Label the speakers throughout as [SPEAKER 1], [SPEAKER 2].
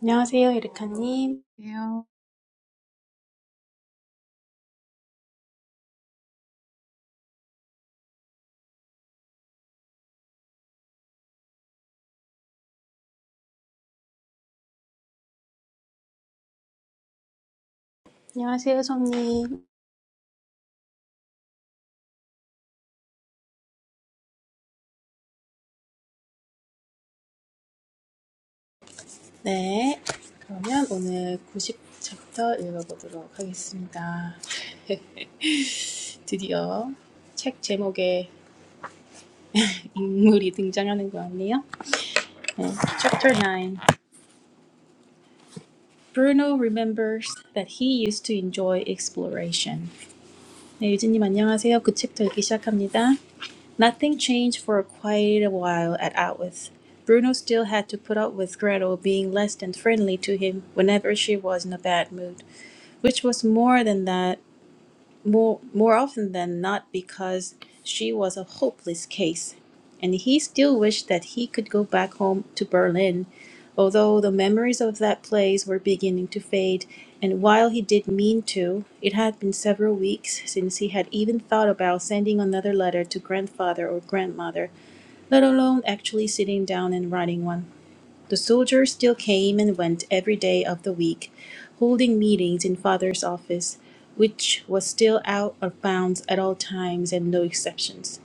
[SPEAKER 1] 안녕하세요, 이르카님.
[SPEAKER 2] Really?
[SPEAKER 1] 안녕하세요, 손님. 네. 그러면 오늘 구십 챕터 읽어보도록 하겠습니다. 드디어 책 제목에 인물이 등장하는 것 같네요. 네. Chapter 9. Bruno remembers that he used to enjoy exploration. 네, 유진님 안녕하세요. 그 챕터 읽기 시작합니다. Nothing changed for quite a while at Outwith. Bruno still had to put up with Gretel being less than friendly to him whenever she was in a bad mood, which was more than that more more often than not because she was a hopeless case and he still wished that he could go back home to berlin although the memories of that place were beginning to fade and while he did mean to it had been several weeks since he had even thought about sending another letter to grandfather or grandmother let alone actually sitting down and writing one the soldiers still came and went every day of the week, holding meetings in father's office, which was still out of bounds at all times and no exceptions.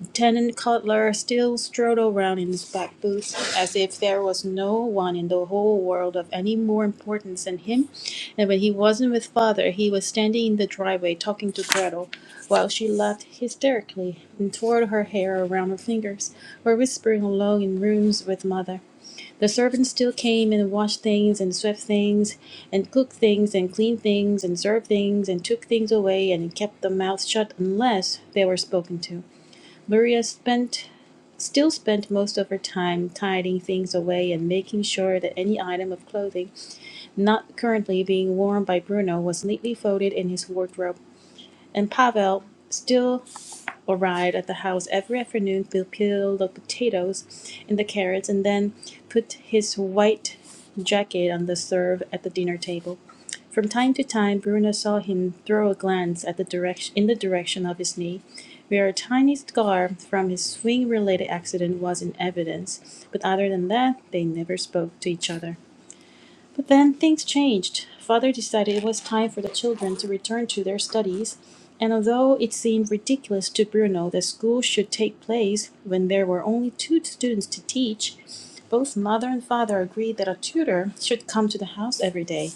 [SPEAKER 1] Lieutenant Cutler still strode around in his black boots as if there was no one in the whole world of any more importance than him, and when he wasn't with father, he was standing in the driveway talking to Gretel, while she laughed hysterically and twirled her hair around her fingers, or whispering alone in rooms with mother. The servants still came and washed things and swept things and cooked things and cleaned things and served things and took things away and kept their mouths shut unless they were spoken to. Maria spent still spent most of her time tidying things away and making sure that any item of clothing not currently being worn by Bruno was neatly folded in his wardrobe. And Pavel still arrived at the house every afternoon to peel the potatoes and the carrots, and then put his white jacket on the serve at the dinner table. From time to time, Bruno saw him throw a glance at the direction in the direction of his knee, where a tiny scar from his swing-related accident was in evidence. But other than that, they never spoke to each other. But then things changed. Father decided it was time for the children to return to their studies, and although it seemed ridiculous to Bruno that school should take place when there were only two students to teach, both mother and father agreed that a tutor should come to the house every day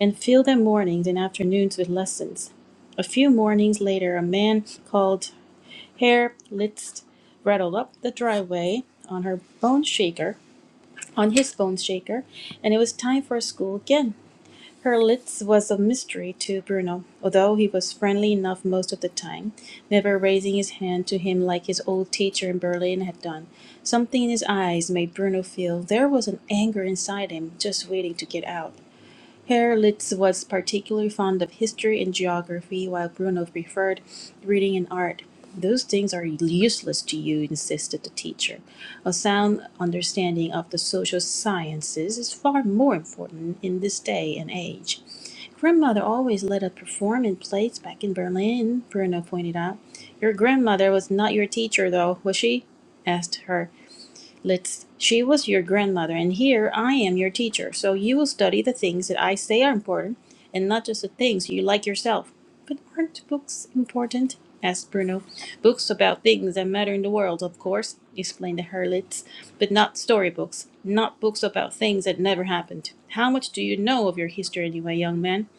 [SPEAKER 1] and fill their mornings and afternoons with lessons. A few mornings later, a man called Herr Litz rattled up the driveway on her bone shaker on his bone shaker, and it was time for school again. Hurlitz was a mystery to Bruno, although he was friendly enough most of the time, never raising his hand to him like his old teacher in Berlin had done. Something in his eyes made Bruno feel there was an anger inside him just waiting to get out. Herr Litz was particularly fond of history and geography, while Bruno preferred reading and art. Those things are useless to you, insisted the teacher. A sound understanding of the social sciences is far more important in this day and age. Grandmother always let us perform in plays back in Berlin, Bruno pointed out. Your grandmother was not your teacher, though, was she? asked her. Let's, she was your grandmother, and here I am your teacher. So you will study the things that I say are important, and not just the things you like yourself. But aren't books important? asked Bruno. Books about things that matter in the world, of course, explained the harlots, but not storybooks, not books about things that never happened. How much do you know of your history anyway, young man?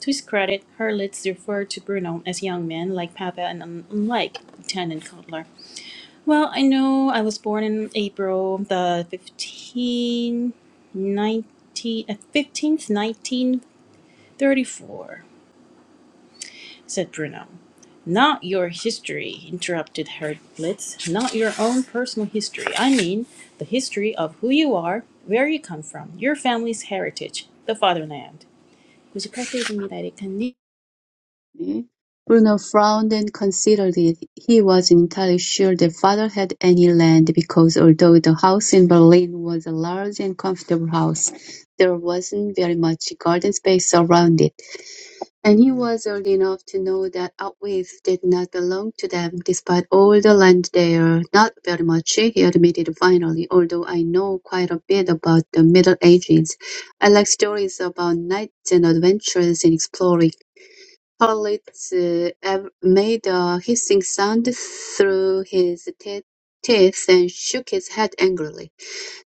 [SPEAKER 1] To his credit, Hurlitz referred to Bruno as young man, like Papa, and un- unlike Lieutenant Cutler. Well, I know I was born in April the fifteenth, 19, uh, 15th, 1934, said Bruno. Not your history, interrupted Herr Blitz. Not your own personal history. I mean, the history of who you are, where you come from, your family's heritage, the fatherland. 무지할 에릭 한님.
[SPEAKER 2] Bruno frowned and considered it. He wasn't entirely sure that father had any land because although the house in Berlin was a large and comfortable house, there wasn't very much garden space around it, and he was old enough to know that outways did not belong to them despite all the land there. Not very much, he admitted finally, although I know quite a bit about the Middle Ages. I like stories about knights and adventures and exploring. Collins uh, made a hissing sound through his te- teeth and shook his head angrily.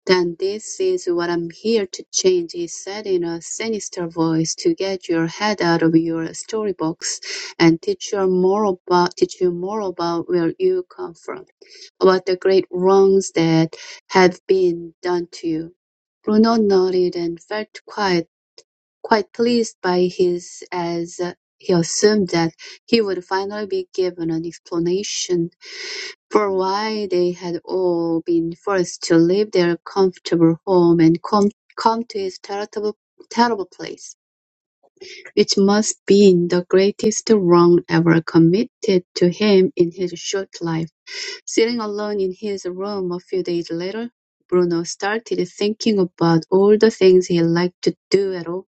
[SPEAKER 2] "Then this is what I'm here to change," he said in a sinister voice, "to get your head out of your story box and teach you more about teach you more about where you come from, about the great wrongs that have been done to you." Bruno nodded and felt quiet Quite pleased by his, as uh, he assumed that he would finally be given an explanation for why they had all been forced to leave their comfortable home and come, come to his terrible, terrible place, which must be the greatest wrong ever committed to him in his short life. Sitting alone in his room a few days later, Bruno started thinking about all the things he liked to do at home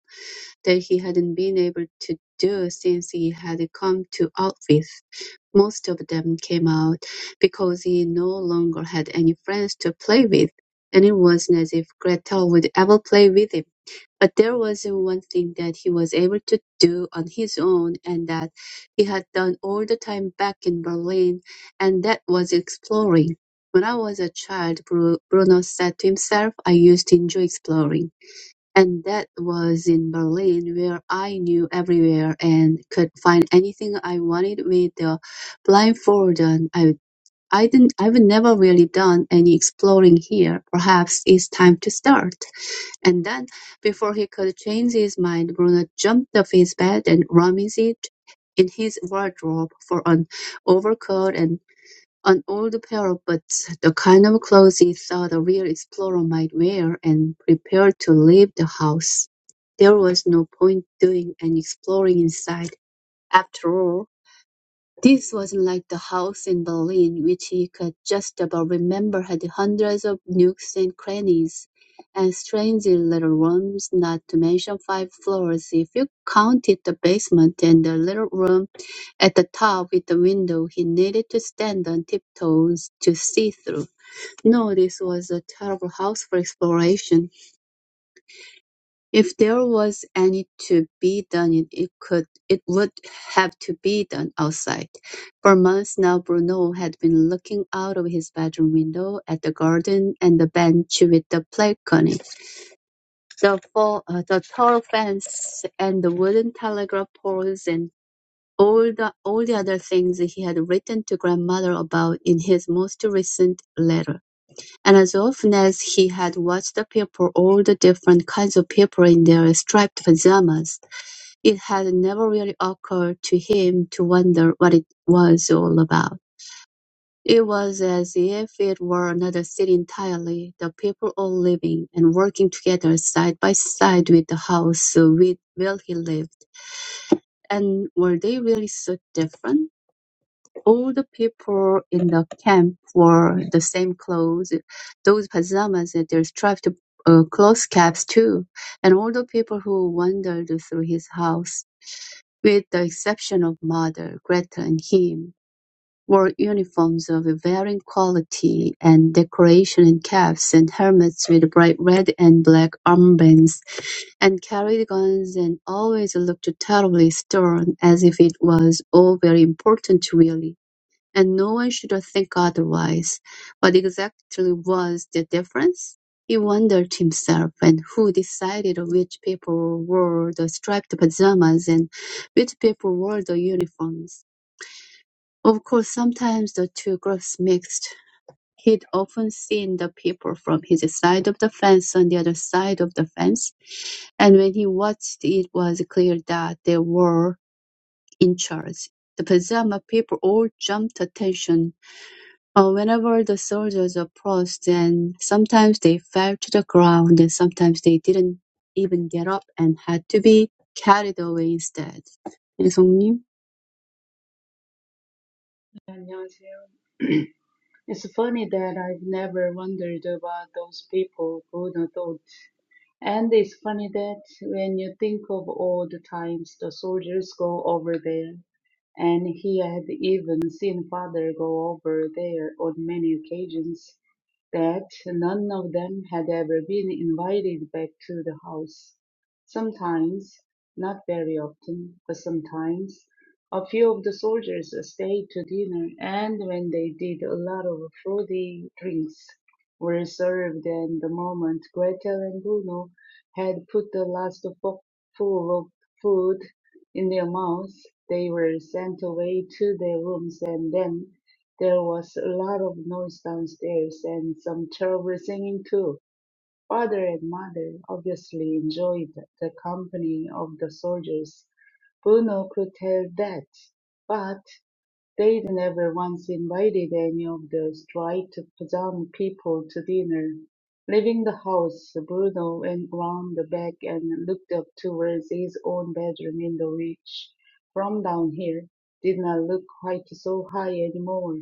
[SPEAKER 2] that he hadn't been able to do since he had come to Outfits. Most of them came out because he no longer had any friends to play with, and it wasn't as if Gretel would ever play with him. But there was one thing that he was able to do on his own and that he had done all the time back in Berlin, and that was exploring. When I was a child, Bru- Bruno said to himself, I used to enjoy exploring. And that was in Berlin, where I knew everywhere and could find anything I wanted with the blindfold on. I, I didn't, I've never really done any exploring here. Perhaps it's time to start. And then, before he could change his mind, Bruno jumped off his bed and rummaged in his wardrobe for an overcoat and. An old pair of boots, the kind of clothes he thought a real explorer might wear, and prepared to leave the house. There was no point doing any exploring inside, after all. This wasn't like the house in Berlin, which he could just about remember had hundreds of nooks and crannies, and strangely little rooms, not to mention five floors if you counted the basement and the little room at the top with the window he needed to stand on tiptoes to see through. No, this was a terrible house for exploration. If there was any to be done it it could it would have to be done outside. For months now Bruno had been looking out of his bedroom window at the garden and the bench with the balcony, the fo- uh, the tall fence and the wooden telegraph poles and all the all the other things he had written to grandmother about in his most recent letter. And as often as he had watched the people, all the different kinds of people in their striped pajamas, it had never really occurred to him to wonder what it was all about. It was as if it were another city entirely, the people all living and working together side by side with the house with where he lived. And were they really so different? all the people in the camp wore the same clothes. Those pajamas and their striped uh, cloth caps too, and all the people who wandered through his house, with the exception of mother, Gretel and him, wore uniforms of varying quality and decoration and caps and helmets with bright red and black armbands and carried guns and always looked terribly stern as if it was all very important really and no one should think otherwise. What exactly was the difference? He wondered himself, and who decided which people wore the striped pajamas and which people wore the uniforms? Of course, sometimes the two groups mixed. He'd often seen the people from his side of the fence on the other side of the fence, and when he watched, it was clear that they were in charge. The pajama people all jumped attention uh, Whenever the soldiers approached and sometimes they fell to the ground and sometimes they didn't even get up and had to be carried away instead. 예송님.
[SPEAKER 3] 안녕하세요. It's funny that I've never wondered about those people who don't and it's funny that when you think of all the times the soldiers go over there, and he had even seen father go over there on many occasions, that none of them had ever been invited back to the house. Sometimes, not very often, but sometimes, a few of the soldiers stayed to dinner, and when they did, a lot of fruity drinks were served, and the moment Gretel and Bruno had put the last forkful of food in their mouths, they were sent away to their rooms, and then there was a lot of noise downstairs and some terrible singing too. Father and mother obviously enjoyed the company of the soldiers. Bruno could tell that. but. They'd never once invited any of the striped pusan people to dinner. Leaving the house, Bruno went round the back and looked up towards his own bedroom window which, from down here, did not look quite so high any more.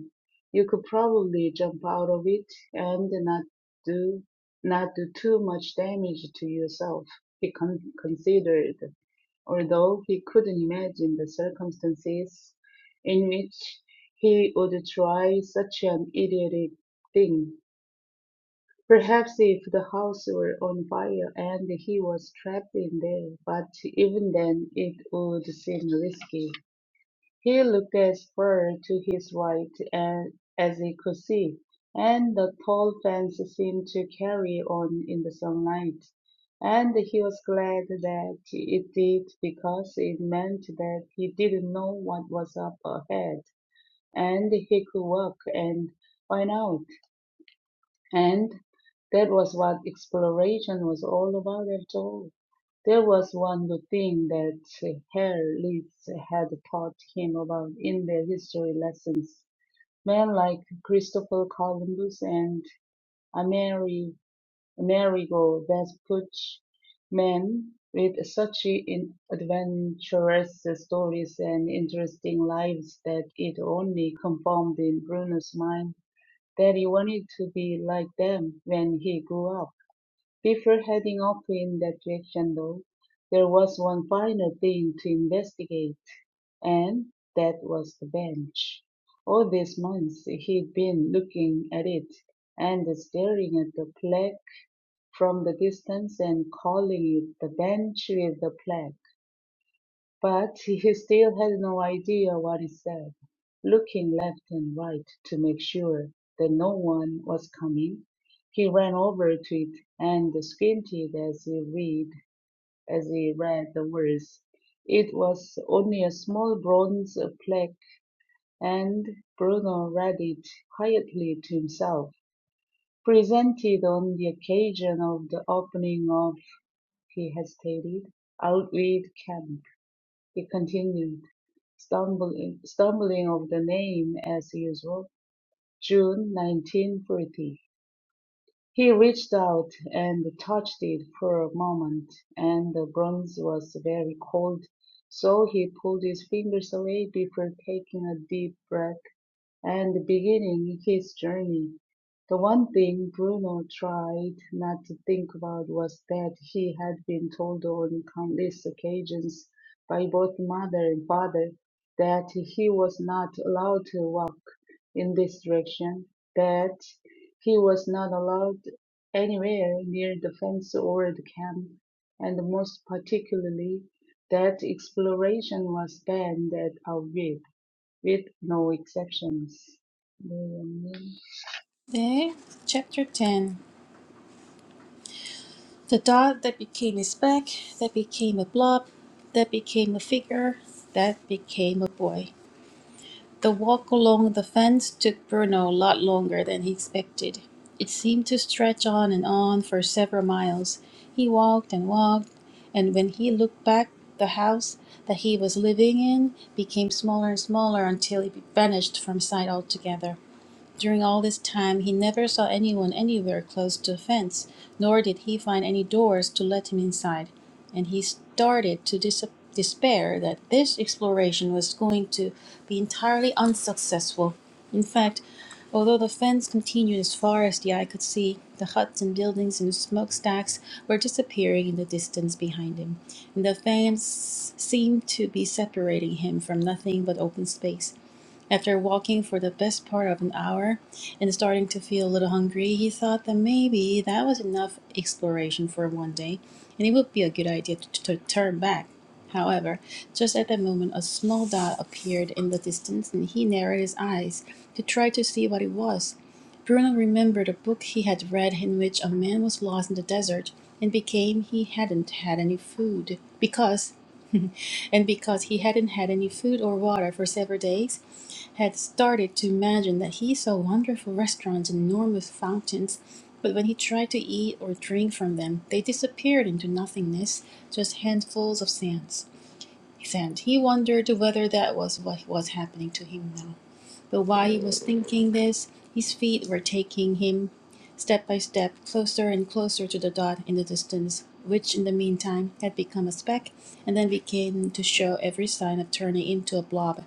[SPEAKER 3] You could probably jump out of it and not do not do too much damage to yourself, he con- considered although he couldn't imagine the circumstances in which he would try such an idiotic thing. Perhaps if the house were on fire and he was trapped in there, but even then it would seem risky. He looked as far to his right and, as he could see, and the tall fence seemed to carry on in the sunlight. And he was glad that it did because it meant that he didn't know what was up ahead and he could walk and find out. And that was what exploration was all about after all. There was one good thing that Herr Litz had taught him about in their history lessons. Men like Christopher Columbus and Ameri- Amerigo Vespucci, men with such in- adventurous stories and interesting lives that it only confirmed in Bruno's mind that he wanted to be like them when he grew up. Before heading off in that direction, though, there was one final thing to investigate, and that was the bench. All these months he'd been looking at it and staring at the plaque from the distance and calling it the bench with the plaque. But he still had no idea what he said, looking left and right to make sure that no one was coming. He ran over to it and squinted as he read as he read the words. It was only a small bronze plaque, and Bruno read it quietly to himself. Presented on the occasion of the opening of, he hesitated, Outwit Camp, he continued stumbling, stumbling of the name as usual, June 1940. He reached out and touched it for a moment, and the bronze was very cold, so he pulled his fingers away before taking a deep breath and beginning his journey. The one thing Bruno tried not to think about was that he had been told on countless occasions by both mother and father that he was not allowed to walk in this direction, that he was not allowed anywhere near the fence or the camp, and most particularly that exploration was banned at Aviv, with no exceptions.
[SPEAKER 1] 네, chapter 10. The dot that became a speck, that became a blob, that became a figure, that became a boy. The walk along the fence took Bruno a lot longer than he expected. It seemed to stretch on and on for several miles. He walked and walked, and when he looked back, the house that he was living in became smaller and smaller until it vanished from sight altogether. During all this time he never saw anyone anywhere close to a fence, nor did he find any doors to let him inside, and he started to dis- despair that this exploration was going to be entirely unsuccessful. In fact, although the fence continued as far as the eye could see, the huts and buildings and smokestacks were disappearing in the distance behind him, and the fence seemed to be separating him from nothing but open space. After walking for the best part of an hour and starting to feel a little hungry, he thought that maybe that was enough exploration for one day and it would be a good idea to, to turn back. However, just at that moment, a small dot appeared in the distance and he narrowed his eyes to try to see what it was. Bruno remembered a book he had read in which a man was lost in the desert and became he hadn't had any food because and because he hadn't had any food or water for several days had started to imagine that he saw wonderful restaurants and enormous fountains, but when he tried to eat or drink from them, they disappeared into nothingness, just handfuls of sands. Sand. He wondered whether that was what was happening to him now. But while he was thinking this, his feet were taking him step by step closer and closer to the dot in the distance, which in the meantime had become a speck and then began to show every sign of turning into a blob.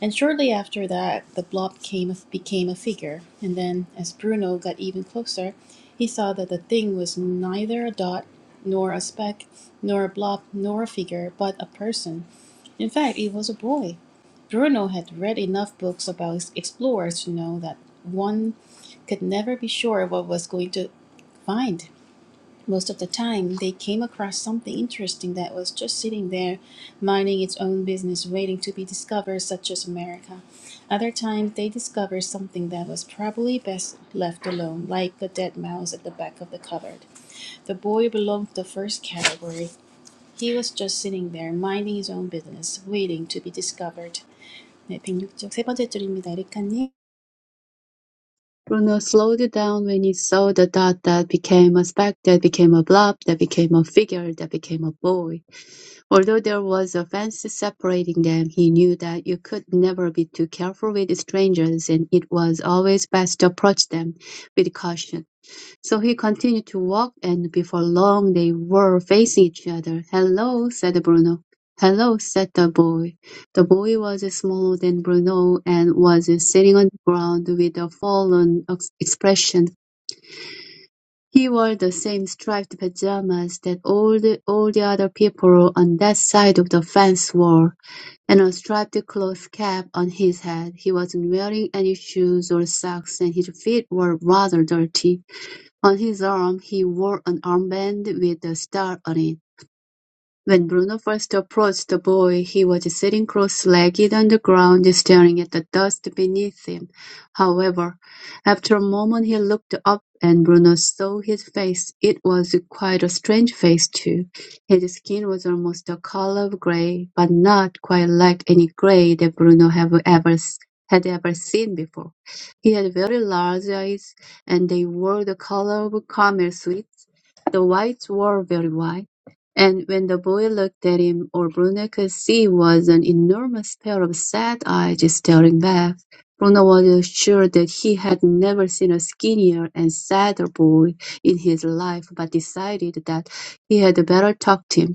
[SPEAKER 1] And shortly after that, the blob came, became a figure, and then, as Bruno got even closer, he saw that the thing was neither a dot, nor a speck, nor a blob, nor a figure, but a person. In fact, it was a boy. Bruno had read enough books about explorers to know that one could never be sure what was going to find most of the time they came across something interesting that was just sitting there minding its own business waiting to be discovered such as america other times they discovered something that was probably best left alone like a dead mouse at the back of the cupboard the boy belonged to the first category he was just sitting there minding his own business waiting to be discovered 네, 백육 쪽 세 번째 줄입니다. 에리카님.
[SPEAKER 2] Bruno slowed down when he saw the dot that became a speck, that became a blob, that became a figure, that became a boy. Although there was a fence separating them, he knew that you could never be too careful with strangers and it was always best to approach them with caution. So he continued to walk, and before long they were facing each other. Hello, said Bruno. Hello, said the boy. The boy was smaller than Bruno and was sitting on the ground with a fallen ex- expression. He wore the same striped pajamas that all the, all the other people on that side of the fence wore, and a striped cloth cap on his head. He wasn't wearing any shoes or socks, and his feet were rather dirty. On his arm he wore an armband with a star on it. When Bruno first approached the boy, he was sitting cross-legged on the ground, staring at the dust beneath him. However, after a moment he looked up, and Bruno saw his face. It was quite a strange face, too. His skin was almost the color of gray, but not quite like any gray that Bruno have ever s- had ever seen before. He had very large eyes, and they were the color of caramel sweets. The whites were very wide and when the boy looked at him, all Bruno could see was an enormous pair of sad eyes staring back. Bruno was sure that he had never seen a skinnier and sadder boy in his life, but decided that he had better talk to him.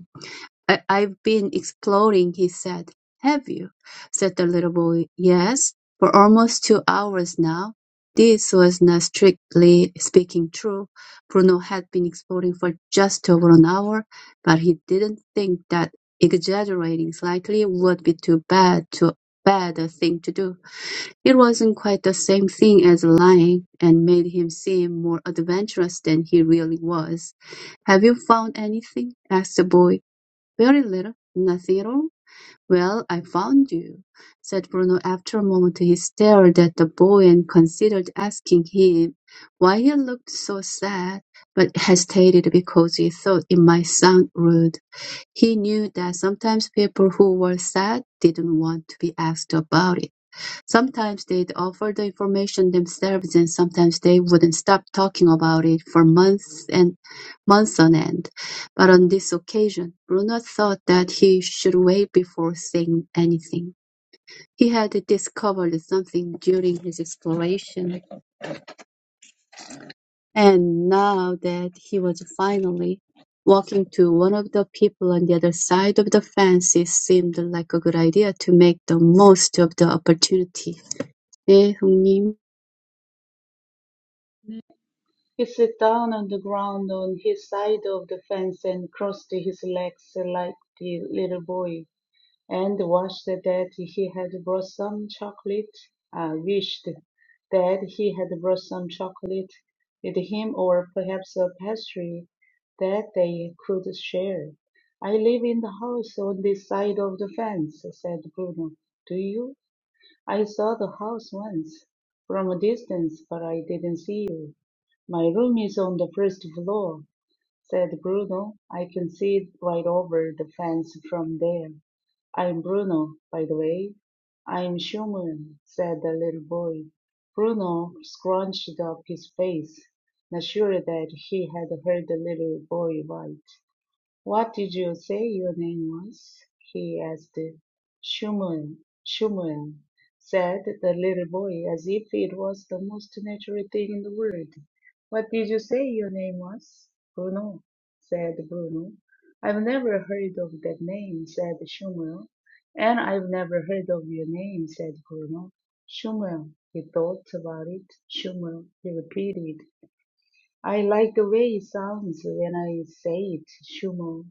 [SPEAKER 2] I, I've been exploring, he said. Have you? said the little boy. Yes, for almost two hours now. This was not strictly speaking true. Bruno had been exploring for just over an hour, but he didn't think that exaggerating slightly would be too bad too bad a thing to do. It wasn't quite the same thing as lying, and made him seem more adventurous than he really was. Have you found anything? asked the boy. "Very little. Nothing. Well, I found you," said Bruno after a moment. He stared at the boy and considered asking him why he looked so sad, but hesitated because he thought it might sound rude. He knew that sometimes people who were sad didn't want to be asked about it. Sometimes they'd offer the information themselves and sometimes they wouldn't stop talking about it for months and months on end. But on this occasion, Bruno thought that he should wait before saying anything. He had discovered something during his exploration, and now that he was finally walking to one of the people on the other side of the fence, it seemed like a good idea to make the most of the opportunity. 네, 형님.
[SPEAKER 3] He sat down on the ground on his side of the fence and crossed his legs like the little boy. and wished that he had brought some chocolate, uh, wished that he had brought some chocolate with him or perhaps a pastry that they could share. I live in the house on this side of the fence, said Bruno. Do you? I saw the house once from a distance, but I didn't see you. My room is on the first floor said Bruno. I can see it right over the fence from there. I'm Bruno, by the way. I'm human, said the little boy. Bruno scrunched up his face, not sure that he had heard the little boy right. What did you say your name was? he asked. Shuman, Shuman, said the little boy as if it was the most natural thing in the world. What did you say your name was? Bruno, said Bruno. I've never heard of that name, said Shuman. And I've never heard of your name, said Bruno. Shuman, he thought about it. Shuman, he repeated. I like the way it sounds when I say it, Shuman.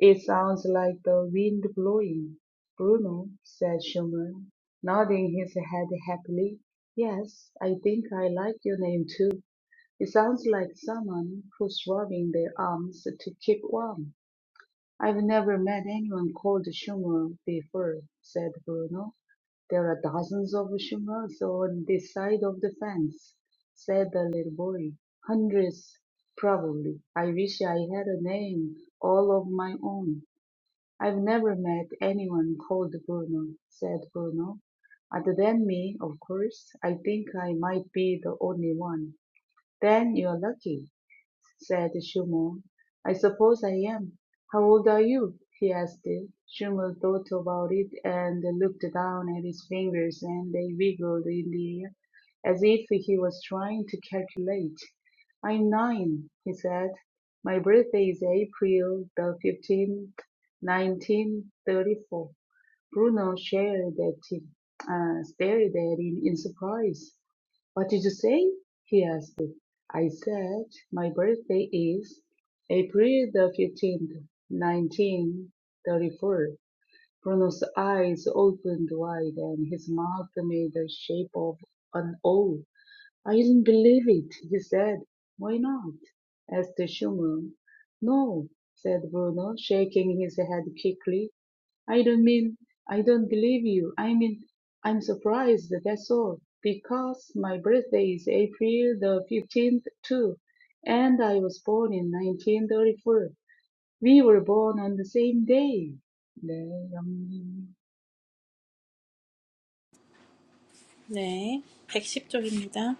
[SPEAKER 3] "It sounds like the wind blowing, Bruno," said Schumann, nodding his head happily. "Yes, I think I like your name too. It sounds like someone who's rubbing their arms to keep warm." "I've never met anyone called Schumann before," said Bruno. "There are dozens of Schumanns on this side of the fence," said the little boy. "Hundreds, probably. I wish I had a name all of my own. "I've never met anyone called Bruno," said Bruno. "Other than me, of course. I think I might be the only one." "Then you're lucky!" said Schumann. "I suppose I am. How old are you?" he asked. Schumann thought about it and looked down at his fingers, and they wiggled in the air as if he was trying to calculate. "I'm nine," he said. "My birthday is April the 15th, 1934." Bruno shared that, uh, stared at him in surprise. What did you say? he asked. I said, my birthday is April the 15th, 1934. Bruno's eyes opened wide and his mouth made the shape of an O. I didn't believe it, he said. Why not? asked Schumann. No, said Bruno, shaking his head quickly. I don't mean I don't believe you. I mean I'm surprised, that's all. Because my birthday is April the 15th too, and I was born in 1934. We were born on the same day. 네, 영님.
[SPEAKER 1] 네, 백십 쪽입니다.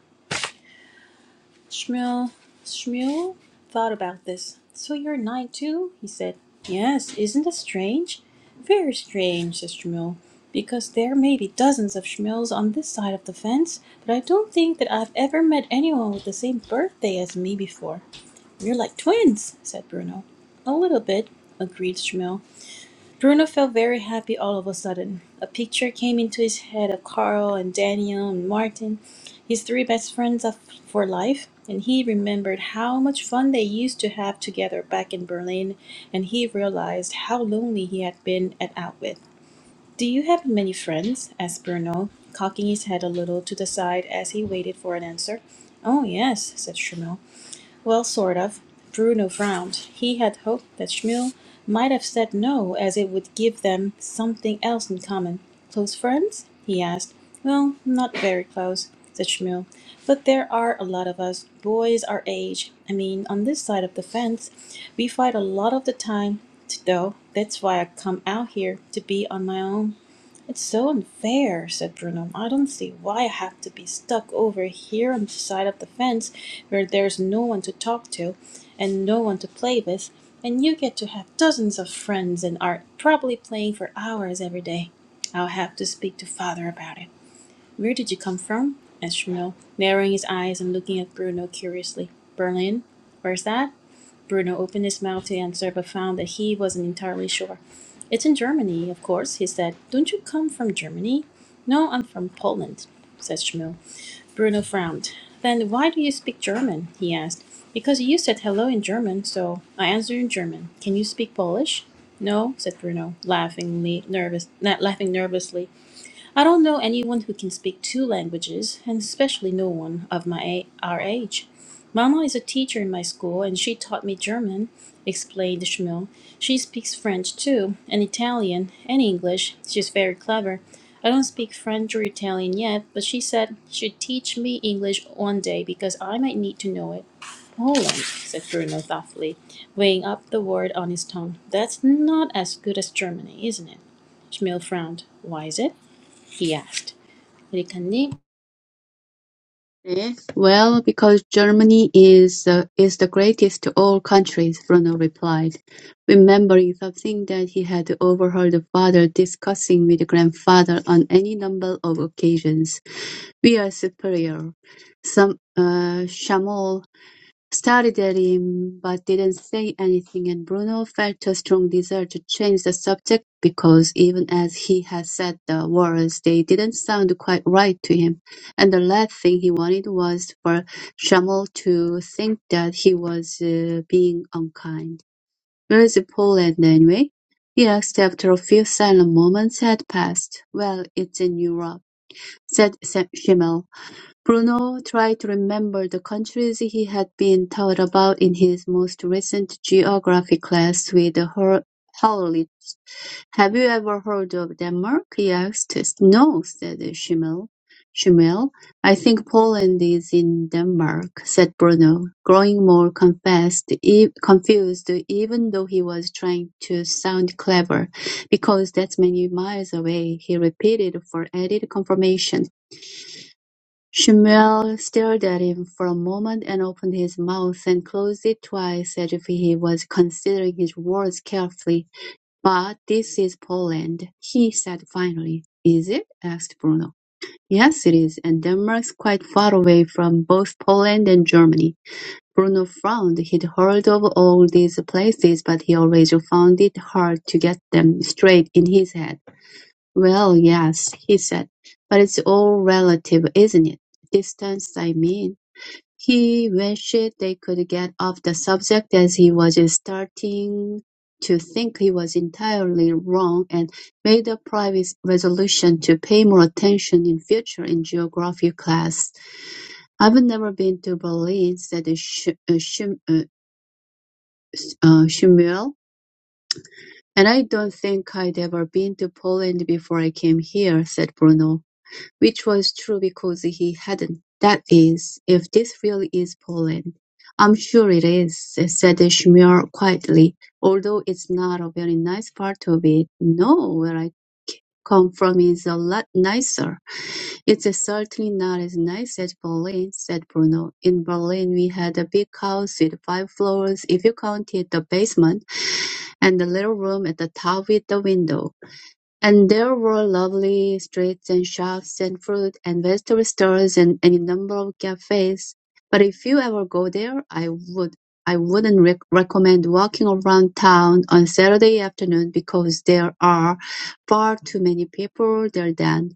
[SPEAKER 1] Shmuel, Shmuel thought about this. So you're nine too? He said. Yes, isn't it strange? Very strange, said Shmuel, because there may be dozens of Shmuels on this side of the fence, but I don't think that I've ever met anyone with the same birthday as me before. You're like twins, said Bruno. A little bit, agreed Shmuel. Bruno felt very happy all of a sudden. A picture came into his head of Carl and Daniel and Martin, his three best friends of, for life, and he remembered how much fun they used to have together back in Berlin, and he realized how lonely he had been at Outwith. Do you have many friends? asked Bruno, cocking his head a little to the side as he waited for an answer. Oh, yes, said Shemel. Well, sort of. Bruno frowned. He had hoped that Schmuel might have said no, as it would give them something else in common. Close friends? he asked. Well, not very close, said Schmuel. But there are a lot of us, boys our age. I mean, on this side of the fence. We fight a lot of the time, though. That's why I come out here, to be on my own. It's so unfair, said Bruno. I don't see why I have to be stuck over here on the side of the fence where there's no one to talk to and no one to play with, and you get to have dozens of friends and are probably playing for hours every day. I'll have to speak to father about it. Where did you come from? asked Bruno, narrowing his eyes and looking at Bruno curiously. Berlin? Where's that? Bruno opened his mouth to answer, but found that he wasn't entirely sure. It's in Germany, of course, he said. Don't you come from Germany? No, I'm from Poland, said Schmiel. Bruno frowned. Then why do you speak German? he asked. Because you said hello in German, so I answered in German. Can you speak Polish? No, said Bruno, laughingly nervous, not laughing nervously. I don't know anyone who can speak two languages, and especially no one of my our age. Mama is a teacher in my school, and she taught me German, explained Shmuel. She speaks French too, and Italian, and English. She's very clever. I don't speak French or Italian yet, but she said she'd teach me English one day because I might need to know it. Poland, said Bruno thoughtfully, weighing up the word on his tongue. That's not as good as Germany, isn't it? Schmiel frowned. Why is it? he asked. 에리카님,
[SPEAKER 2] Eh? "Well, because Germany is the is the greatest of all countries," Bruno replied, remembering something that he had overheard the father discussing with the grandfather on any number of occasions. "We are superior. Some uh, Stared at him, but didn't say anything, and Bruno felt a strong desire to change the subject, because even as he had said the words, they didn't sound quite right to him, and the last thing he wanted was for Shamol to think that he was uh, being unkind. Where's Poland, anyway? He asked after a few silent moments had passed. Well, it's in Europe, said Sa- Bruno tried to remember the countries he had been taught about in his most recent geography class with Howley. "Have you ever heard of Denmark?" he asked. "No," said Schimmel. "Schimmel, I think Poland is in Denmark," said Bruno, growing more confessed- e- confused even though he was trying to sound clever. "Because that's many miles away," he repeated for added confirmation. Shmuel stared at him for a moment and opened his mouth and closed it twice as if he was considering his words carefully. "But this is Poland," he said finally. "Is it?" asked Bruno. "Yes, it is, and Denmark's quite far away from both Poland and Germany." Bruno frowned. He'd heard of all these places, but he always found it hard to get them straight in his head. "Well, yes," he said, "but it's all relative, isn't it? Distance, I mean." He wished they could get off the subject as he was starting to think he was entirely wrong and made a private resolution to pay more attention in future in geography class. "I've never been to Berlin," said Sch- uh, Schm- uh, uh, Schmuel. "And I don't think I'd ever been to Poland before I came here," said Bruno. Which was true because he hadn't. That is, if this really is Poland. I'm sure it is, said Schmuir quietly, although it's not a very nice part of it. No, where I come from is a lot nicer. It's certainly not as nice as Berlin, said Bruno. In Berlin we had a big house with five floors if you counted the basement, and a little room at the top with the window. And there were lovely streets and shops and fruit and vegetable stores and any number of cafes. But if you ever go there, I would I wouldn't rec- recommend walking around town on Saturday afternoon because there are far too many people there then,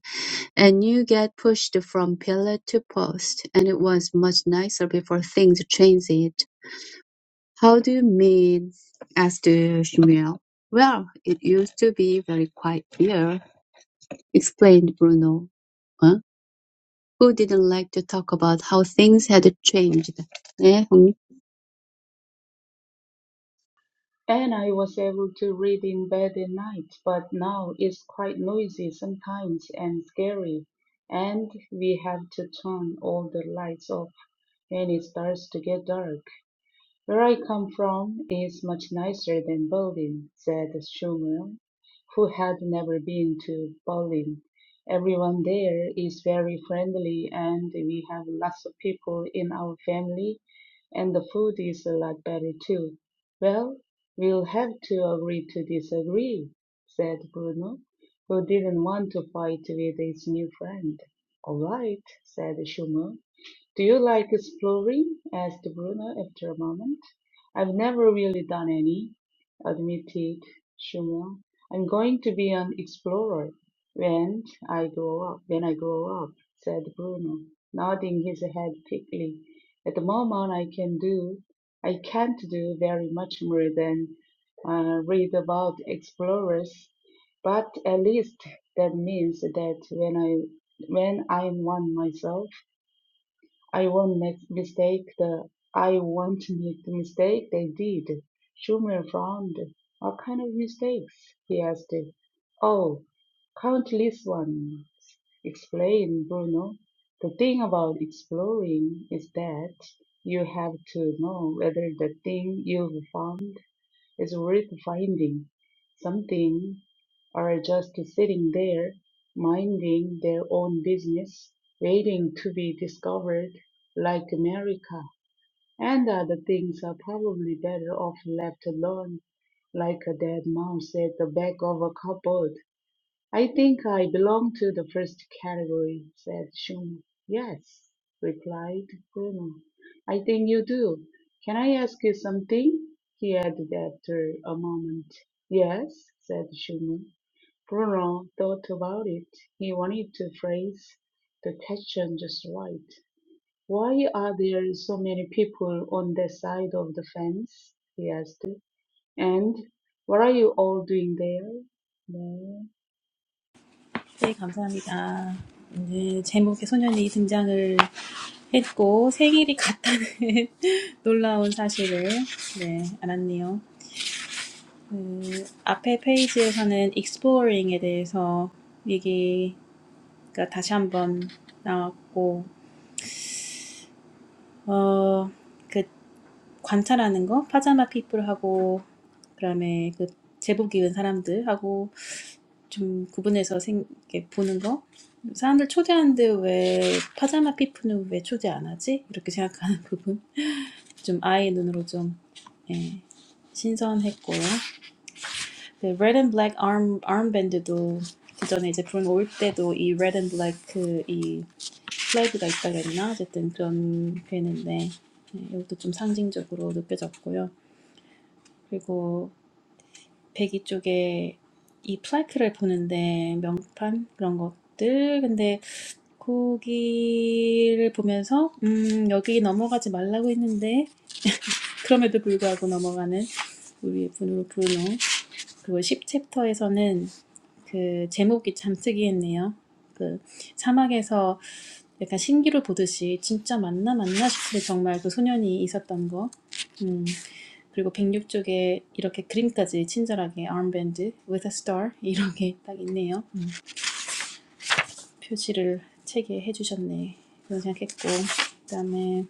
[SPEAKER 2] and you get pushed from pillar to post. And it was much nicer before things changed it. How do you mean? asked Shmuel. Well, it used to be very quiet here explained Bruno, huh? who didn't like to talk about how things had changed. 네,
[SPEAKER 3] And I was able to read in bed at night, but now it's quite noisy sometimes and scary, and we have to turn all the lights off when it starts to get dark. "Where I come from is much nicer than Berlin," said Schumann, who had never been to Berlin. "Everyone there is very friendly and we have lots of people in our family, and the food is a lot better too." "Well, we'll have to agree to disagree," said Bruno, who didn't want to fight with his new friend. "All right," said Schumann. Do you like exploring? asked Bruno after a moment. I've never really done any, admitted Shumon. I'm going to be an explorer when I grow up when I grow up, said Bruno, nodding his head quickly. At the moment I can do I can't do very much more than uh, read about explorers, but at least that means that when I when I'm one myself I won't make mistake. The I won't make the mistake they did. Schumer frowned. What kind of mistakes? He asked. Oh, countless ones. Explained Bruno. The thing about exploring is that you have to know whether the thing you've found is worth finding something or just sitting there minding their own business, waiting to be discovered like America. And other things are probably better off left alone, like a dead mouse at the back of a cupboard. "I think I belong to the first category," said Chum. "Yes," replied Bruno, "I think you do. Can I ask you something?" he added after a moment. "Yes," said Chum. Bruno thought about it. He wanted to phrase the question just right. "Why are there so many people on that side of the fence?" he asked. "And what are you all doing there?" No.
[SPEAKER 1] 네, 감사합니다. 오늘 제목에 소년이 등장을 했고, 생일이 같다는 놀라운 사실을, 네, 알았네요. 그, 앞에 페이지에서는 exploring에 대해서 얘기가 다시 한번 나왔고, 어, 그, 관찰하는 거, 파자마 피플하고, 그 다음에 그 제복 입은 사람들하고 좀 구분해서 생, 이렇게 보는 거. 사람들 초대하는데 왜 파자마 피프는 왜 초대 안 하지? 이렇게 생각하는 부분. 좀 아이의 눈으로 좀 예, 신선했고요. 네, Red and Black arm armband도 그 전에 이제 그런 거올 때도 이 Red and Black 그, 이 플래그가 있다 그랬나? 어쨌든 그런 게 있는데 예, 이것도 좀 상징적으로 느껴졌고요. 그리고 배기 쪽에 이 플래크를 보는데 명판 그런 것들 근데 거기를 보면서 음 여기 넘어가지 말라고 했는데 그럼에도 불구하고 넘어가는 우리의 브루- 브루노 그리고 십 챕터에서는 그 제목이 참 특이했네요. 그 사막에서 약간 신기루 보듯이 진짜 맞나 맞나 싶을 정말 그 소년이 있었던 거. 음 그리고 백육 쪽에 이렇게 그림까지 친절하게 armband with a star 이렇게 딱 있네요. 표시를 책에 해주셨네. 그런 생각했고 그다음에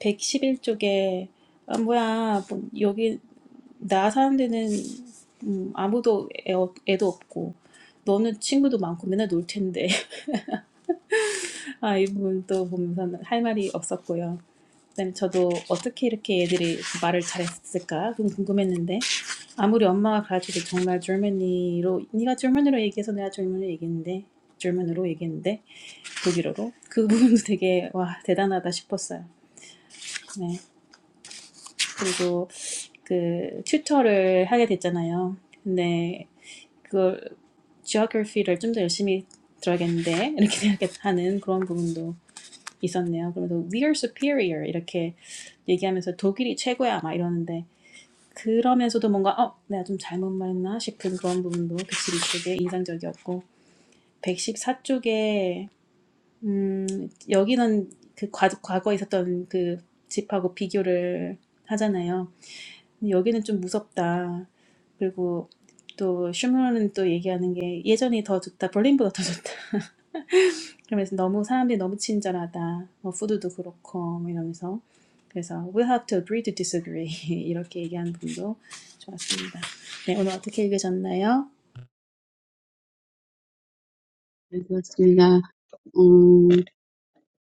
[SPEAKER 1] 111쪽에 아 뭐야 뭐 여기 나 사는 데는 음, 아무도 애, 없- 애도 없고 너는 친구도 많고 맨날 놀 텐데 아 이 부분 또 보면서 할 말이 없었고요. 그다음에 저도 어떻게 이렇게 애들이 말을 잘했을까 좀 궁금했는데 아무리 엄마가 가르쳐도 정말 젊은이로 네가 젊은이로 얘기해서 내가 젊은이로 얘기했는데 젊은으로 얘기했는데 독일어로 그 부분도 되게 와 대단하다 싶었어요. 네. 그리고 그 튜터를 하게 됐잖아요. 근데 그걸 geography를 좀 더 열심히 들어야겠는데 이렇게 생각하는 그런 부분도 있었네요. 그래서 we are superior 이렇게 얘기하면서 독일이 최고야 막 이러는데 그러면서도 뭔가 어 내가 좀 잘못 말했나 싶은 그런 부분도 백십이 쪽에 인상적이었고 백십사 쪽에 음 여기는 그 과, 과거에 있었던 그 집하고 비교를 하잖아요. We have to agree to disagree. 이렇게 얘기하는 분도 좋았습니다. 네, 오늘 어떻게 읽으셨나요?
[SPEAKER 2] 정리되었습니다. 음,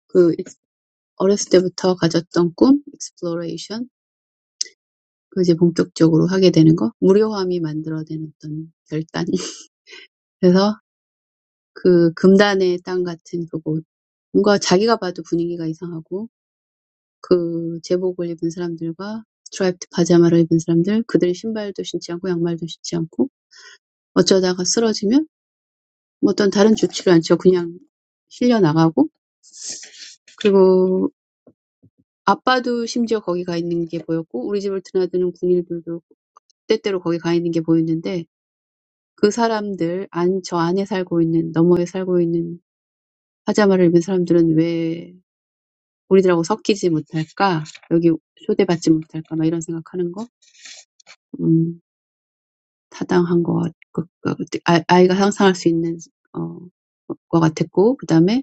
[SPEAKER 2] 그 어렸을 때부터 가졌던 꿈, exploration, 그 이제 본격적으로 하게 되는 거, 무료함이 만들어낸 어떤 결단. 그래서 그 금단의 땅 같은 그곳, 뭔가 자기가 봐도 분위기가 이상하고 그 제복을 입은 사람들과 스트라이프드 파자마를 입은 사람들, 그들 신발도 신지 않고 양말도 신지 않고 어쩌다가 쓰러지면 뭐 어떤 다른 조치를 않죠. 그냥 실려 나가고 그리고 아빠도 심지어 거기 가 있는 게 보였고 우리 집을 드나드는 군인들도 때때로 거기 가 있는 게 보였는데 그 사람들 안, 저 안에 살고 있는 너머에 살고 있는 파자마를 입은 사람들은 왜 우리들하고 섞이지 못할까? 여기 초대받지 못할까? 막 이런 생각하는 거? 음, 타당한 것아 아이가 상상할 수 있는 어, 것 같았고, 그 다음에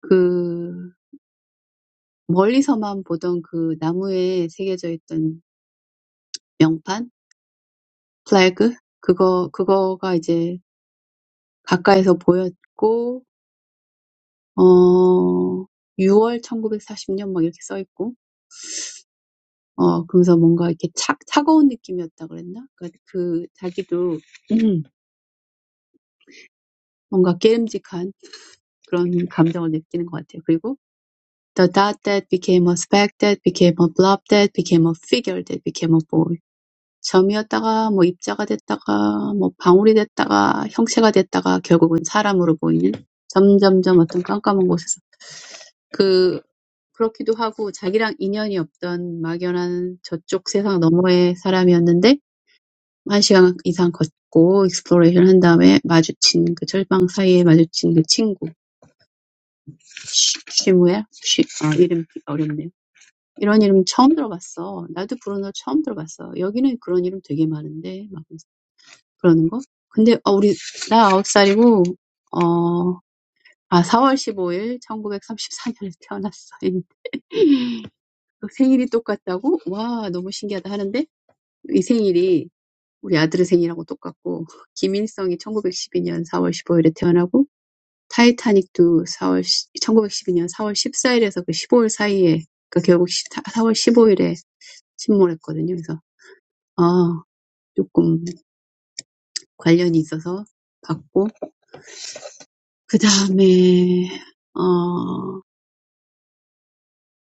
[SPEAKER 2] 그 멀리서만 보던 그 나무에 새겨져 있던 명판, 플래그, 그거, 그거가 이제 가까이서 보였고, 어, 유월 천구백사십 년막 이렇게 써 있고, 어, 그러면서 뭔가 이렇게 차, 차가운 느낌이었다 그랬나? 그러니까 그, 자기도, 음, 뭔가 깨름직한 그런 감정을 느끼는 것 같아요. 그리고, The dot that became a speck that became a blob that became a figure that became a boy. 점이었다가 뭐 입자가 됐다가 뭐 방울이 됐다가 형체가 됐다가 결국은 사람으로 보이는 점점점 어떤 깜깜한 곳에서 그 그렇기도 하고 자기랑 인연이 없던 막연한 저쪽 세상 너머의 사람이었는데 한 시간 이상 걷고 익스플로레이션 한 다음에 마주친 그 절방 사이에 마주친 그 친구 쉬, 쉬무야 쉬, 아 이름 어렵네요. 이런 이름 처음 들어봤어. 나도 브루노 처음 들어봤어. 여기는 그런 이름 되게 많은데 막 그러는 거? 근데 어 우리 나 아홉 살이고 어아 사월 십오일 천구백삼십사년에 태어났어. 생일이 똑같다고? 와, 너무 신기하다 하는데 이 생일이 우리 아들의 생일하고 똑같고 김일성이 1912년 사월 십오일에 태어나고 타이타닉도 4월 1912년 사월 십사일에서 그 십오일 사이에 그 결국 사월 십오일에 침몰했거든요. 그래서 아, 조금 관련이 있어서 봤고 그 다음에 어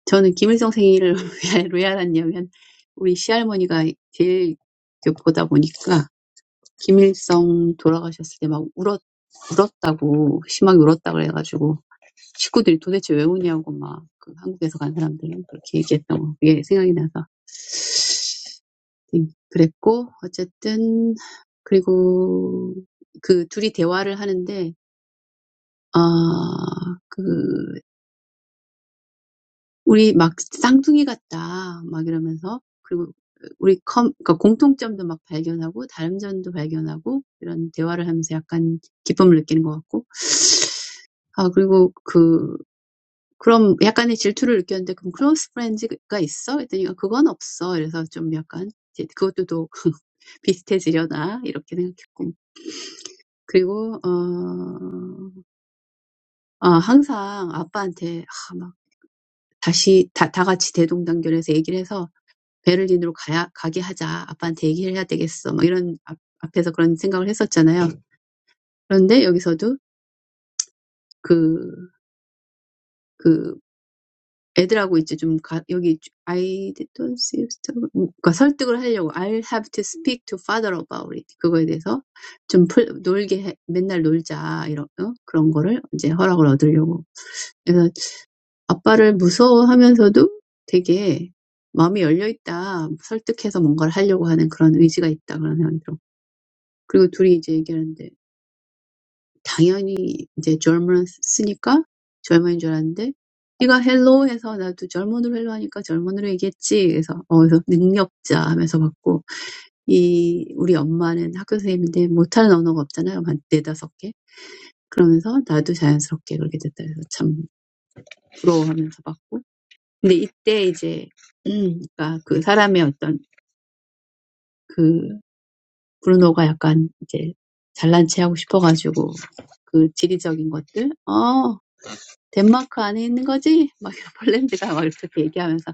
[SPEAKER 2] 저는 김일성 생일을 왜, 알았냐면, 우리 시할머니가 제일 보다 보니까, 김일성 돌아가셨을 때 막 울었, 울었다고, 심하게 울었다 그래가지고, 식구들이 도대체 왜 우냐고 막, 그 한국에서 간 사람들은 그렇게 얘기했던 거, 그게 생각이 나서. 음, 그랬고, 어쨌든, 그리고 그 둘이 대화를 하는데, 아, 그 We're like twins, or something. And we find commonalities and differences, and talk about it. We feel a little bit of happiness. And then I get a little jealous. Do you have a cross-friend? I said no. So I think that's similar. And I always talk to my dad. We're all together and talk. 베를린으로 가야 가게 하자. 아빠한테 얘기를 해야 되겠어. 막 이런 앞, 앞에서 그런 생각을 했었잖아요. 그런데 여기서도 그, 그 애들하고 이제 좀 가, 여기 I don't see 그러니까 설득을 하려고 I'll have to speak to father about it. 그거에 대해서 좀 풀, 놀게 해, 맨날 놀자 이런 어? 그런 거를 이제 허락을 얻으려고. 그래서 아빠를 무서워하면서도 되게 마음이 열려 있다. 설득해서 뭔가를 하려고 하는 그런 의지가 있다. 그런 생각이 들었고. 그리고 둘이 이제 얘기하는데 당연히 이제 젊은 쓰니까 German인 줄 알았는데 네가 hello 해서 나도 German으로 hello 하니까 젊은으로 얘기했지. 그래서 어 그래서 능력자 하면서 받고 이 우리 엄마는 학교 선생님인데 못하는 언어가 없잖아요. 한 네다섯 개. 그러면서 나도 자연스럽게 그렇게 됐다. 그래서 참 부러워하면서 받고. 근데 이때 이제 음 그러니까 그 사람의 어떤 그 브루노가 약간 이제 잘난 체하고 싶어가지고 그 지리적인 것들, 어 덴마크 안에 있는 거지? 막 폴란드가 막 이렇게 얘기하면서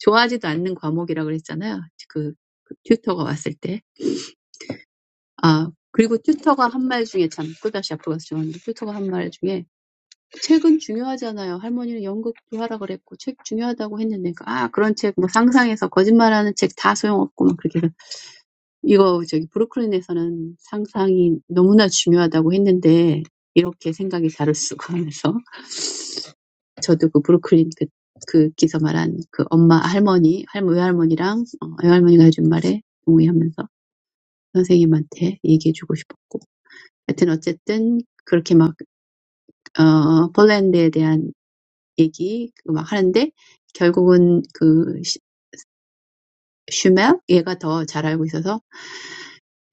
[SPEAKER 2] 좋아하지도 않는 과목이라고 그랬잖아요. 그, 그 튜터가 왔을 때. 아, 그리고 튜터가 한 말 중에 참 또다시 앞으로 가서 죄송한데 튜터가 한 말 중에 책은 중요하잖아요. 할머니는 연극도 하라 그랬고 책 중요하다고 했는데 아 그런 책뭐 상상해서 거짓말하는 책 다 소용없고 막 그렇게 해서 이거 저기 브루클린에서는 상상이 너무나 중요하다고 했는데 이렇게 생각이 다를 수가 하면서 저도 그 브루클린 그, 그 기사 말한 그 엄마, 할머니, 할머, 외할머니랑 어, 외할머니가 해준 말에 동의하면서 선생님한테 얘기해주고 싶었고. 하여튼 어쨌든 그렇게 막, 어, 폴란드에 대한 얘기 막 하는데 결국은 그 슈- 슈멜? 얘가 더잘 알고 있어서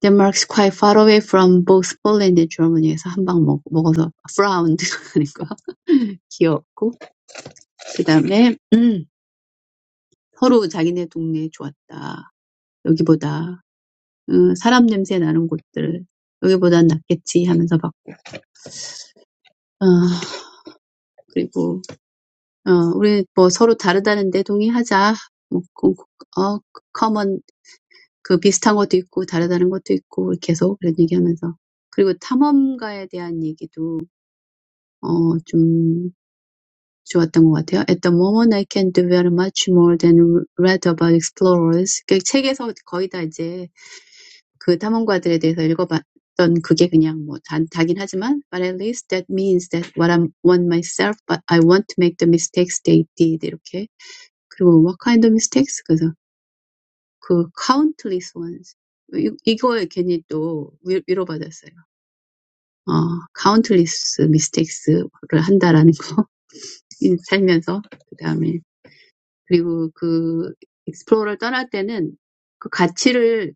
[SPEAKER 2] Denmark's quite far away from both Poland and Germany에서 한방 먹, 먹어서 frowned 하니까 귀엽고 그 다음에 음, 서로 자기네 동네 좋았다. 여기보다 어, 사람 냄새 나는 곳들 여기보단 낫겠지 하면서 막 어, 그리고 어, 우리 뭐 서로 다르다는데 동의하자 뭐 어, common 그 비슷한 것도 있고 다르다는 것도 있고 계속 그런 얘기하면서 그리고 탐험가에 대한 얘기도 어, 좀 좋았던 것 같아요. At the moment, I can do very much more than read about explorers. 그 책에서 거의 다 이제 그 탐험가들에 대해서 읽어봤던 그게 그냥 뭐 다, 다긴 하지만 but at least that means that what I want myself but I won't make the mistakes they did 이렇게 그리고 what kind of mistakes 그래서 그 countless ones 이, 이거에 괜히 또 위로받았어요. 어, countless mistakes를 한다라는 거 살면서 그 다음에 그리고 그 explore를 떠날 때는 그 가치를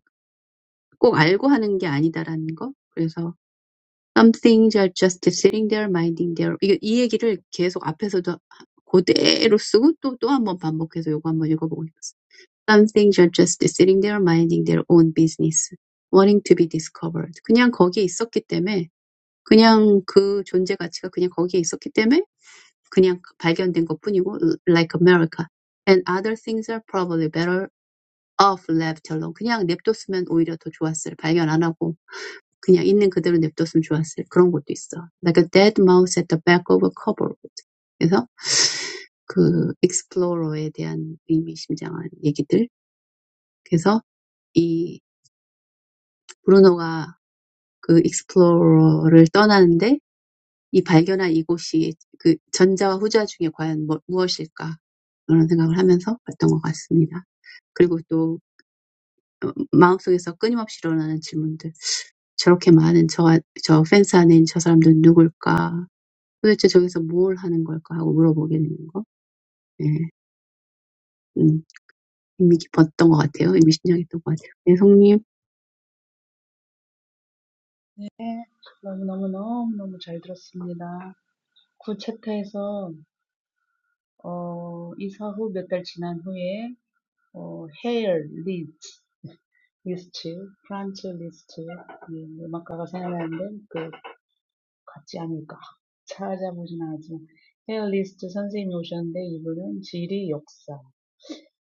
[SPEAKER 2] 꼭 알고 하는 게 아니다라는 거 그래서 Some things are just sitting there minding their 이, 이 얘기를 계속 앞에서도 그대로 쓰고 또, 또 한번 반복해서 요거 한번 읽어보고 싶었어요. Some things are just sitting there minding their own business, wanting to be discovered. 그냥 거기에 있었기 때문에 그냥 그 존재 가치가 그냥 거기에 있었기 때문에 그냥 발견된 것뿐이고 like America. And other things are probably better off left alone. 그냥 냅뒀으면 오히려 더 좋았을. 발견 안 하고 그냥 있는 그대로 냅뒀으면 좋았을 그런 것도 있어. Like a dead mouse at the back of a cupboard. 그래서 그 explore에 대한 의미심장한 얘기들. 그래서 이 브루노가 그 explore를 떠나는데 이 발견한 이곳이 그 전자와 후자 중에 과연 뭐, 무엇일까? 그런 생각을 하면서 봤던 것 같습니다. 그리고 또 마음속에서 끊임없이 일어나는 질문들. 저렇게 많은 저, 저 펜스 안에 있는 저 사람들은 누굴까? 도대체 저기서 뭘 하는 걸까 하고 물어보게 되는 거. 예. 음, 의미 깊었던 것 같아요. 의미심장했던 것 같아요. 예,
[SPEAKER 3] 네, 너무너무 너무너무 잘 들었습니다. 구체태에서 어, 이사 후몇 달 지난 후에 어, 헤일 리스트, 리스트, 프란츠 리스트 이 음악가가 생각나는데 그 같지 않을까 찾아보진 않았지만 헤일 리스트 선생님이 오셨는데 이분은 지리 역사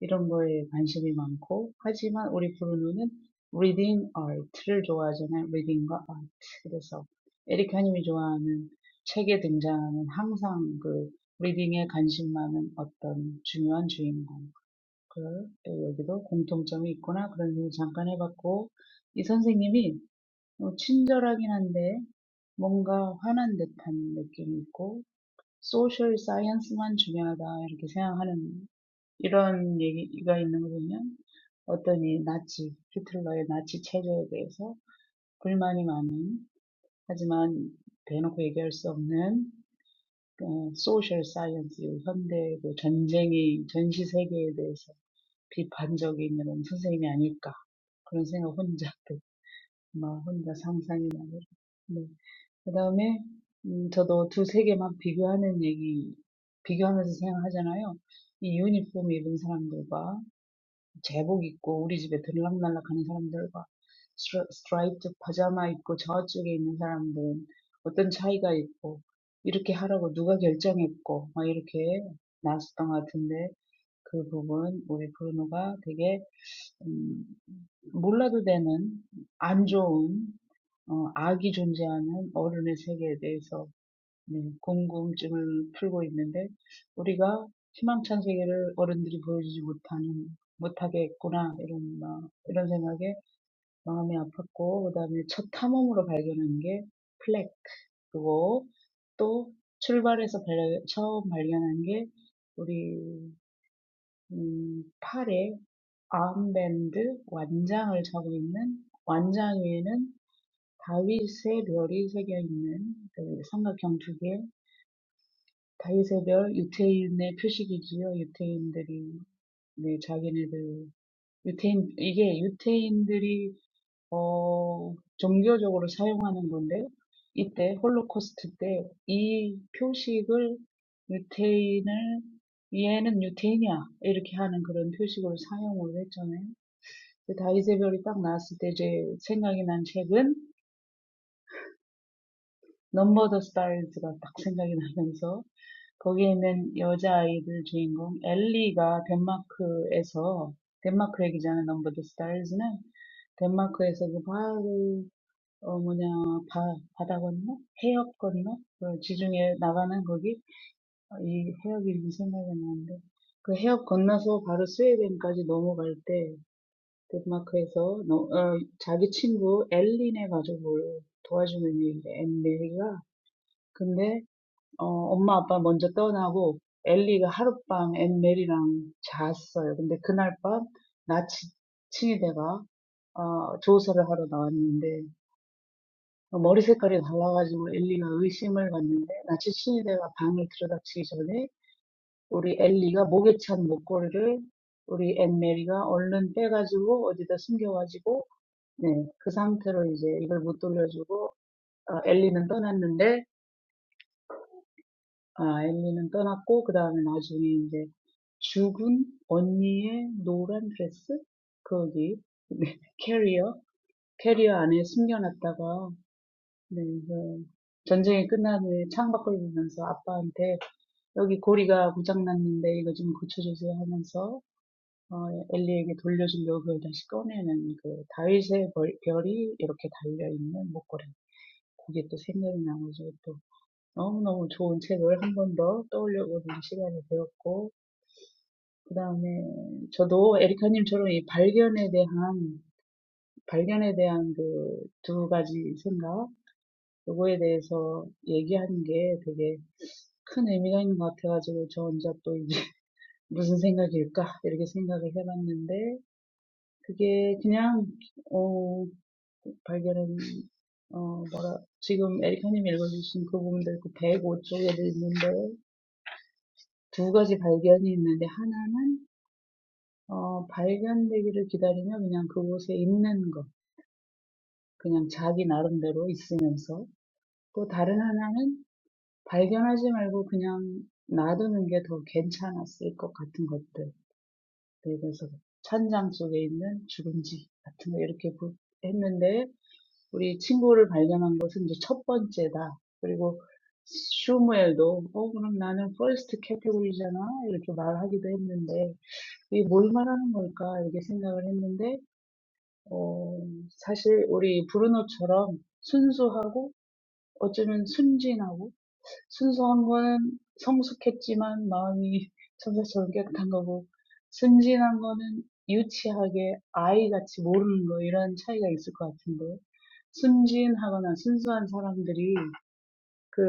[SPEAKER 3] 이런 거에 관심이 많고 하지만 우리 브루노는 리딩 아트를 좋아하잖아요. 리딩과 아트. 그래서 에리카님이 좋아하는 책에 등장하는 항상 그 리딩에 관심 많은 어떤 중요한 주인공. 그 여기도 공통점이 있구나 그런 생각 잠깐 해봤고 이 선생님이 친절하긴 한데 뭔가 화난 듯한 느낌이 있고 소셜 사이언스만 중요하다 이렇게 생각하는 이런 얘기가 있는 거 보면 어떤 이 나치 히틀러의 나치 체제에 대해서 불만이 많은 하지만 대놓고 얘기할 수 없는 어, 소셜 사이언스 현대 그 전쟁이 전시 세계에 대해서 비판적인 이런 선생님이 아닐까 그런 생각 혼자 또, 막 혼자 상상이 나요. 네. 그다음에 음, 저도 두세 개만 비교하는 얘기, 비교하면서 생각하잖아요. 이 유니폼 입은 사람들과 제복 입고 우리 집에 들락날락 하는 사람들과 스트라- 스트라이프드 파자마 입고 저쪽에 있는 사람들은 어떤 차이가 있고 이렇게 하라고 누가 결정했고 막 이렇게 나왔었던 것 같은데 그 부분 우리 브루노가 되게 음, 몰라도 되는 안 좋은 어, 악이 존재하는 어른의 세계에 대해서 음, 궁금증을 풀고 있는데 우리가 희망찬 세계를 어른들이 보여주지 못하는 못하게 했구나 이런 막 이런 생각에 마음이 아팠고 그다음에 첫 탐험으로 발견한 게 플렉 그거 또 출발해서 발, 처음 발견한 게 우리 음, 팔에 아음밴드 완장을 차고 있는 완장 위에는 다윗의 별이 새겨 있는 그 삼각형 두 개, 다윗의 멸 유태인의 표식이지요. 유태인들이 네, 자기네들 유태인 이게 유태인들이 어 종교적으로 사용하는 건데 이때 홀로코스트 때 이 표식을 유태인을 얘는 유태인이야 이렇게 하는 그런 표식으로 사용을 했잖아요. 근데 다이세별이 딱 나왔을 때 제 생각이 난 책은 넘버 더 스타즈가 딱 생각이 나면서 거기에 있는 여자아이들 주인공 엘리가 덴마크에서 덴마크 얘기잖아 넘버 더 스타즈는 덴마크에서 그 바를 어 뭐냐 바 바다 건너 해협 건너 그 지중해 나가는 거기 이 해협이 이름 생각이 안 나는데 그 해협 건너서 바로 스웨덴까지 넘어갈 때 덴마크에서 너, 어, 자기 친구 엘린의 가족을 도와주는 얘기인데 엘리가 근데 어, 엄마 아빠 먼저 떠나고 엘리가 하룻밤 앤메리랑 잤어요. 근데 그날 밤 나치 칭이대가 어, 조사를 하러 나왔는데 머리 색깔이 달라가지고 엘리가 의심을 받는데 나치 칭이대가 방을 들여다치기 전에 우리 엘리가 목에 찬 목걸이를 우리 앤메리가 얼른 빼가지고 어디다 숨겨가지고 네, 그 상태로 이제 이걸 못 돌려주고 어, 엘리는 떠났는데 아, 엘리는 떠났고, 그 다음에 나중에 이제 죽은 언니의 노란 드레스? 거기, 네, 캐리어? 캐리어 안에 숨겨놨다가, 네, 그 전쟁이 끝난 후에 창밖을 보면서 아빠한테 여기 고리가 고장났는데 이거 좀 고쳐주세요 하면서 어, 엘리에게 돌려주려고 그걸 다시 꺼내는 그 다윗의 벌, 별이 이렇게 달려있는 목걸이. 그게 또 생각이 나가지고 또 너무너무 좋은 책을 한번 한번더 떠올려보는 시간이 되었고, 그 다음에 저도 에리카님처럼 이 발견에 대한, 발견에 대한 그두 가지 생각, 요거에 대해서 얘기하는 게 되게 큰 의미가 있는 것 같아가지고, 저 혼자 또 이제 무슨 생각일까? 이렇게 생각을 해봤는데, 그게 그냥, 어, 발견은, 어, 뭐라, 지금 에리카님이 읽어주신 그 부분들 그 105쪽에도 있는데, 두 가지 발견이 있는데 하나는 어, 발견되기를 기다리며 그냥 그곳에 있는 것, 그냥 자기 나름대로 있으면서 또 다른 하나는 발견하지 말고 그냥 놔두는 게더 괜찮았을 것 같은 것들. 예를 들어서 천장 속에 있는 주름지 같은 거 이렇게 보- 했는데 우리 친구를 발견한 것은 이제 첫 번째다. 그리고 슈무엘도 어 그럼 나는 퍼스트 캐테고리잖아 이렇게 말하기도 했는데 이뭘 말하는 걸까? 이렇게 생각을 했는데, 어, 사실 우리 브루노처럼 순수하고 어쩌면 순진하고 순수한 거는 성숙했지만 마음이 천사처럼 깨끗한 거고 순진한 거는 유치하게 아이같이 모르는 거 이런 차이가 있을 것 같은데 순진하거나 순수한 사람들이 그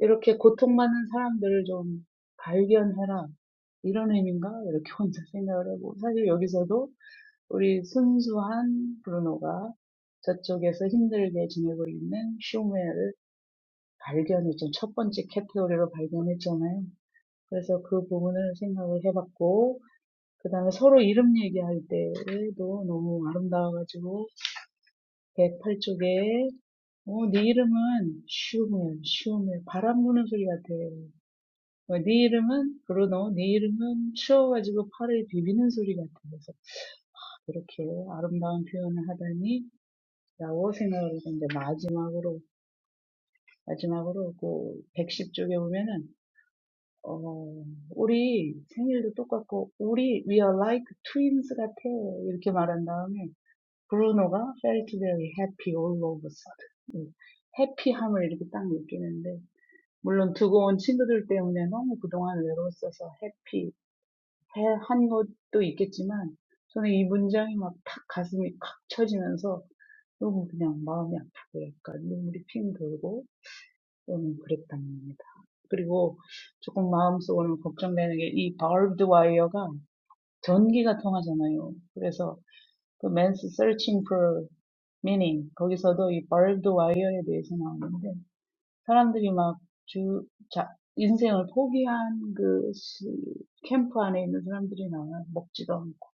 [SPEAKER 3] 이렇게 고통받는 사람들을 좀 발견해라 이런 의미인가 이렇게 혼자 생각을 하고 사실 여기서도 우리 순수한 브루노가 저쪽에서 힘들게 지내고 있는 쇼메를 발견했죠. 첫 번째 카테고리로 발견했잖아요. 그래서 그 부분을 생각을 해봤고, 그 다음에 서로 이름 얘기할 때도 너무 아름다워가지고, 백팔 쪽에, 어, 네 이름은 슈멜, 슈멜, 바람 부는 소리 같아. 어, 네 이름은 브루노, 네 이름은 추워가지고 팔을 비비는 소리 같아. 그래서 이렇게 아름다운 표현을 하다니, 라고 생각을 했는데 마지막으로 마지막으로 그 백십 쪽에 보면은 어 우리 생일도 똑같고 우리 we are like twins 같아 이렇게 말한 다음에 브루노가 felt very happy all of a sudden 해피함을 이렇게 딱 느끼는데 물론 두고 온 친구들 때문에 너무 그동안 외로웠어서 해피 한 것도 있겠지만 저는 이 문장이 막탁 가슴이 칵 쳐지면서 너무 그냥 마음이 아프고 약간 눈물이 핑 돌고 좀 그랬다는 겁니다. 그리고 조금 마음속으로 걱정되는 게이 바울드 와이어가 전기가 통하잖아요. 그래서 그 Man's Searching for Meaning 거기서도 이 바울드 와이어에 대해서 나오는데 사람들이 막 주, 자, 인생을 포기한 그 시, 캠프 안에 있는 사람들이 나와요. 먹지도 않고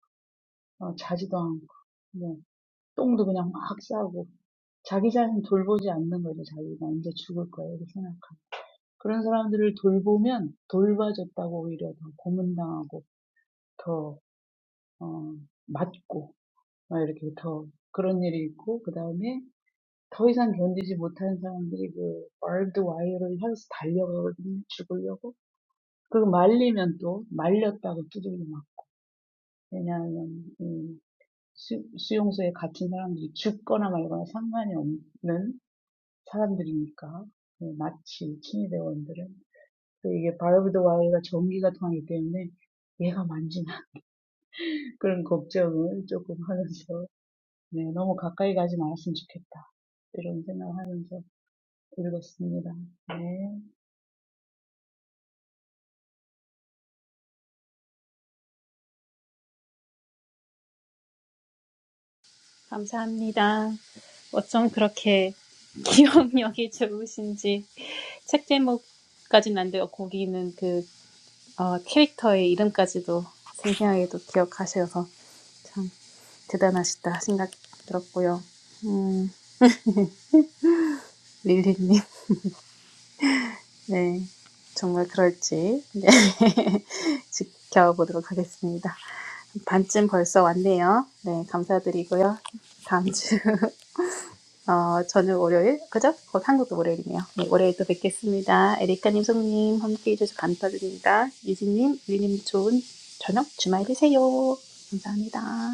[SPEAKER 3] 어, 자지도 않고 뭐 똥도 그냥 막 싸고 자기 자신 돌보지 않는 거죠. 자기가 이제 죽을 거야 이렇게 생각. 그런 사람들을 돌보면 돌봐줬다고 오히려 더 고문당하고 더 어, 맞고 막 이렇게 더 그런 일이 있고 그 다음에 더 이상 견디지 못하는 사람들이 그 얼드 와이어를 향해서 달려가거든요 죽으려고 그리고 말리면 또 말렸다고 두들겨 막 왜냐하면 이 수, 수용소에 갇힌 사람들이 죽거나 말거나 상관이 없는 사람들이니까 예, 나치 친위대원들은 또 이게 바이오브드 와이가 전기가 통하기 때문에 얘가 만지나 그런 걱정을 조금 하면서 네, 너무 가까이 가지 말았으면 좋겠다. 이런 생각을 하면서 읽었습니다. 네.
[SPEAKER 1] 감사합니다. 어쩜 그렇게 기억력이 좋으신지 책 제목까지는 안 돼요. 거기는 그 어, 캐릭터의 이름까지도 생생하게도 기억하셔서 참 대단하시다 생각 들었고요. 음, 릴리님, 네, 정말 그럴지 네, 지켜보도록 하겠습니다. 반쯤 벌써 왔네요. 네, 감사드리고요. 다음 주 어, 저녁 월요일, 그죠? 곧 한국도 월요일이네요. 네, 월요일 또 뵙겠습니다. 에리카님, 송님 함께 해주셔서 감사드립니다. 유진님, 유리님 좋은 저녁 주말 되세요. 감사합니다.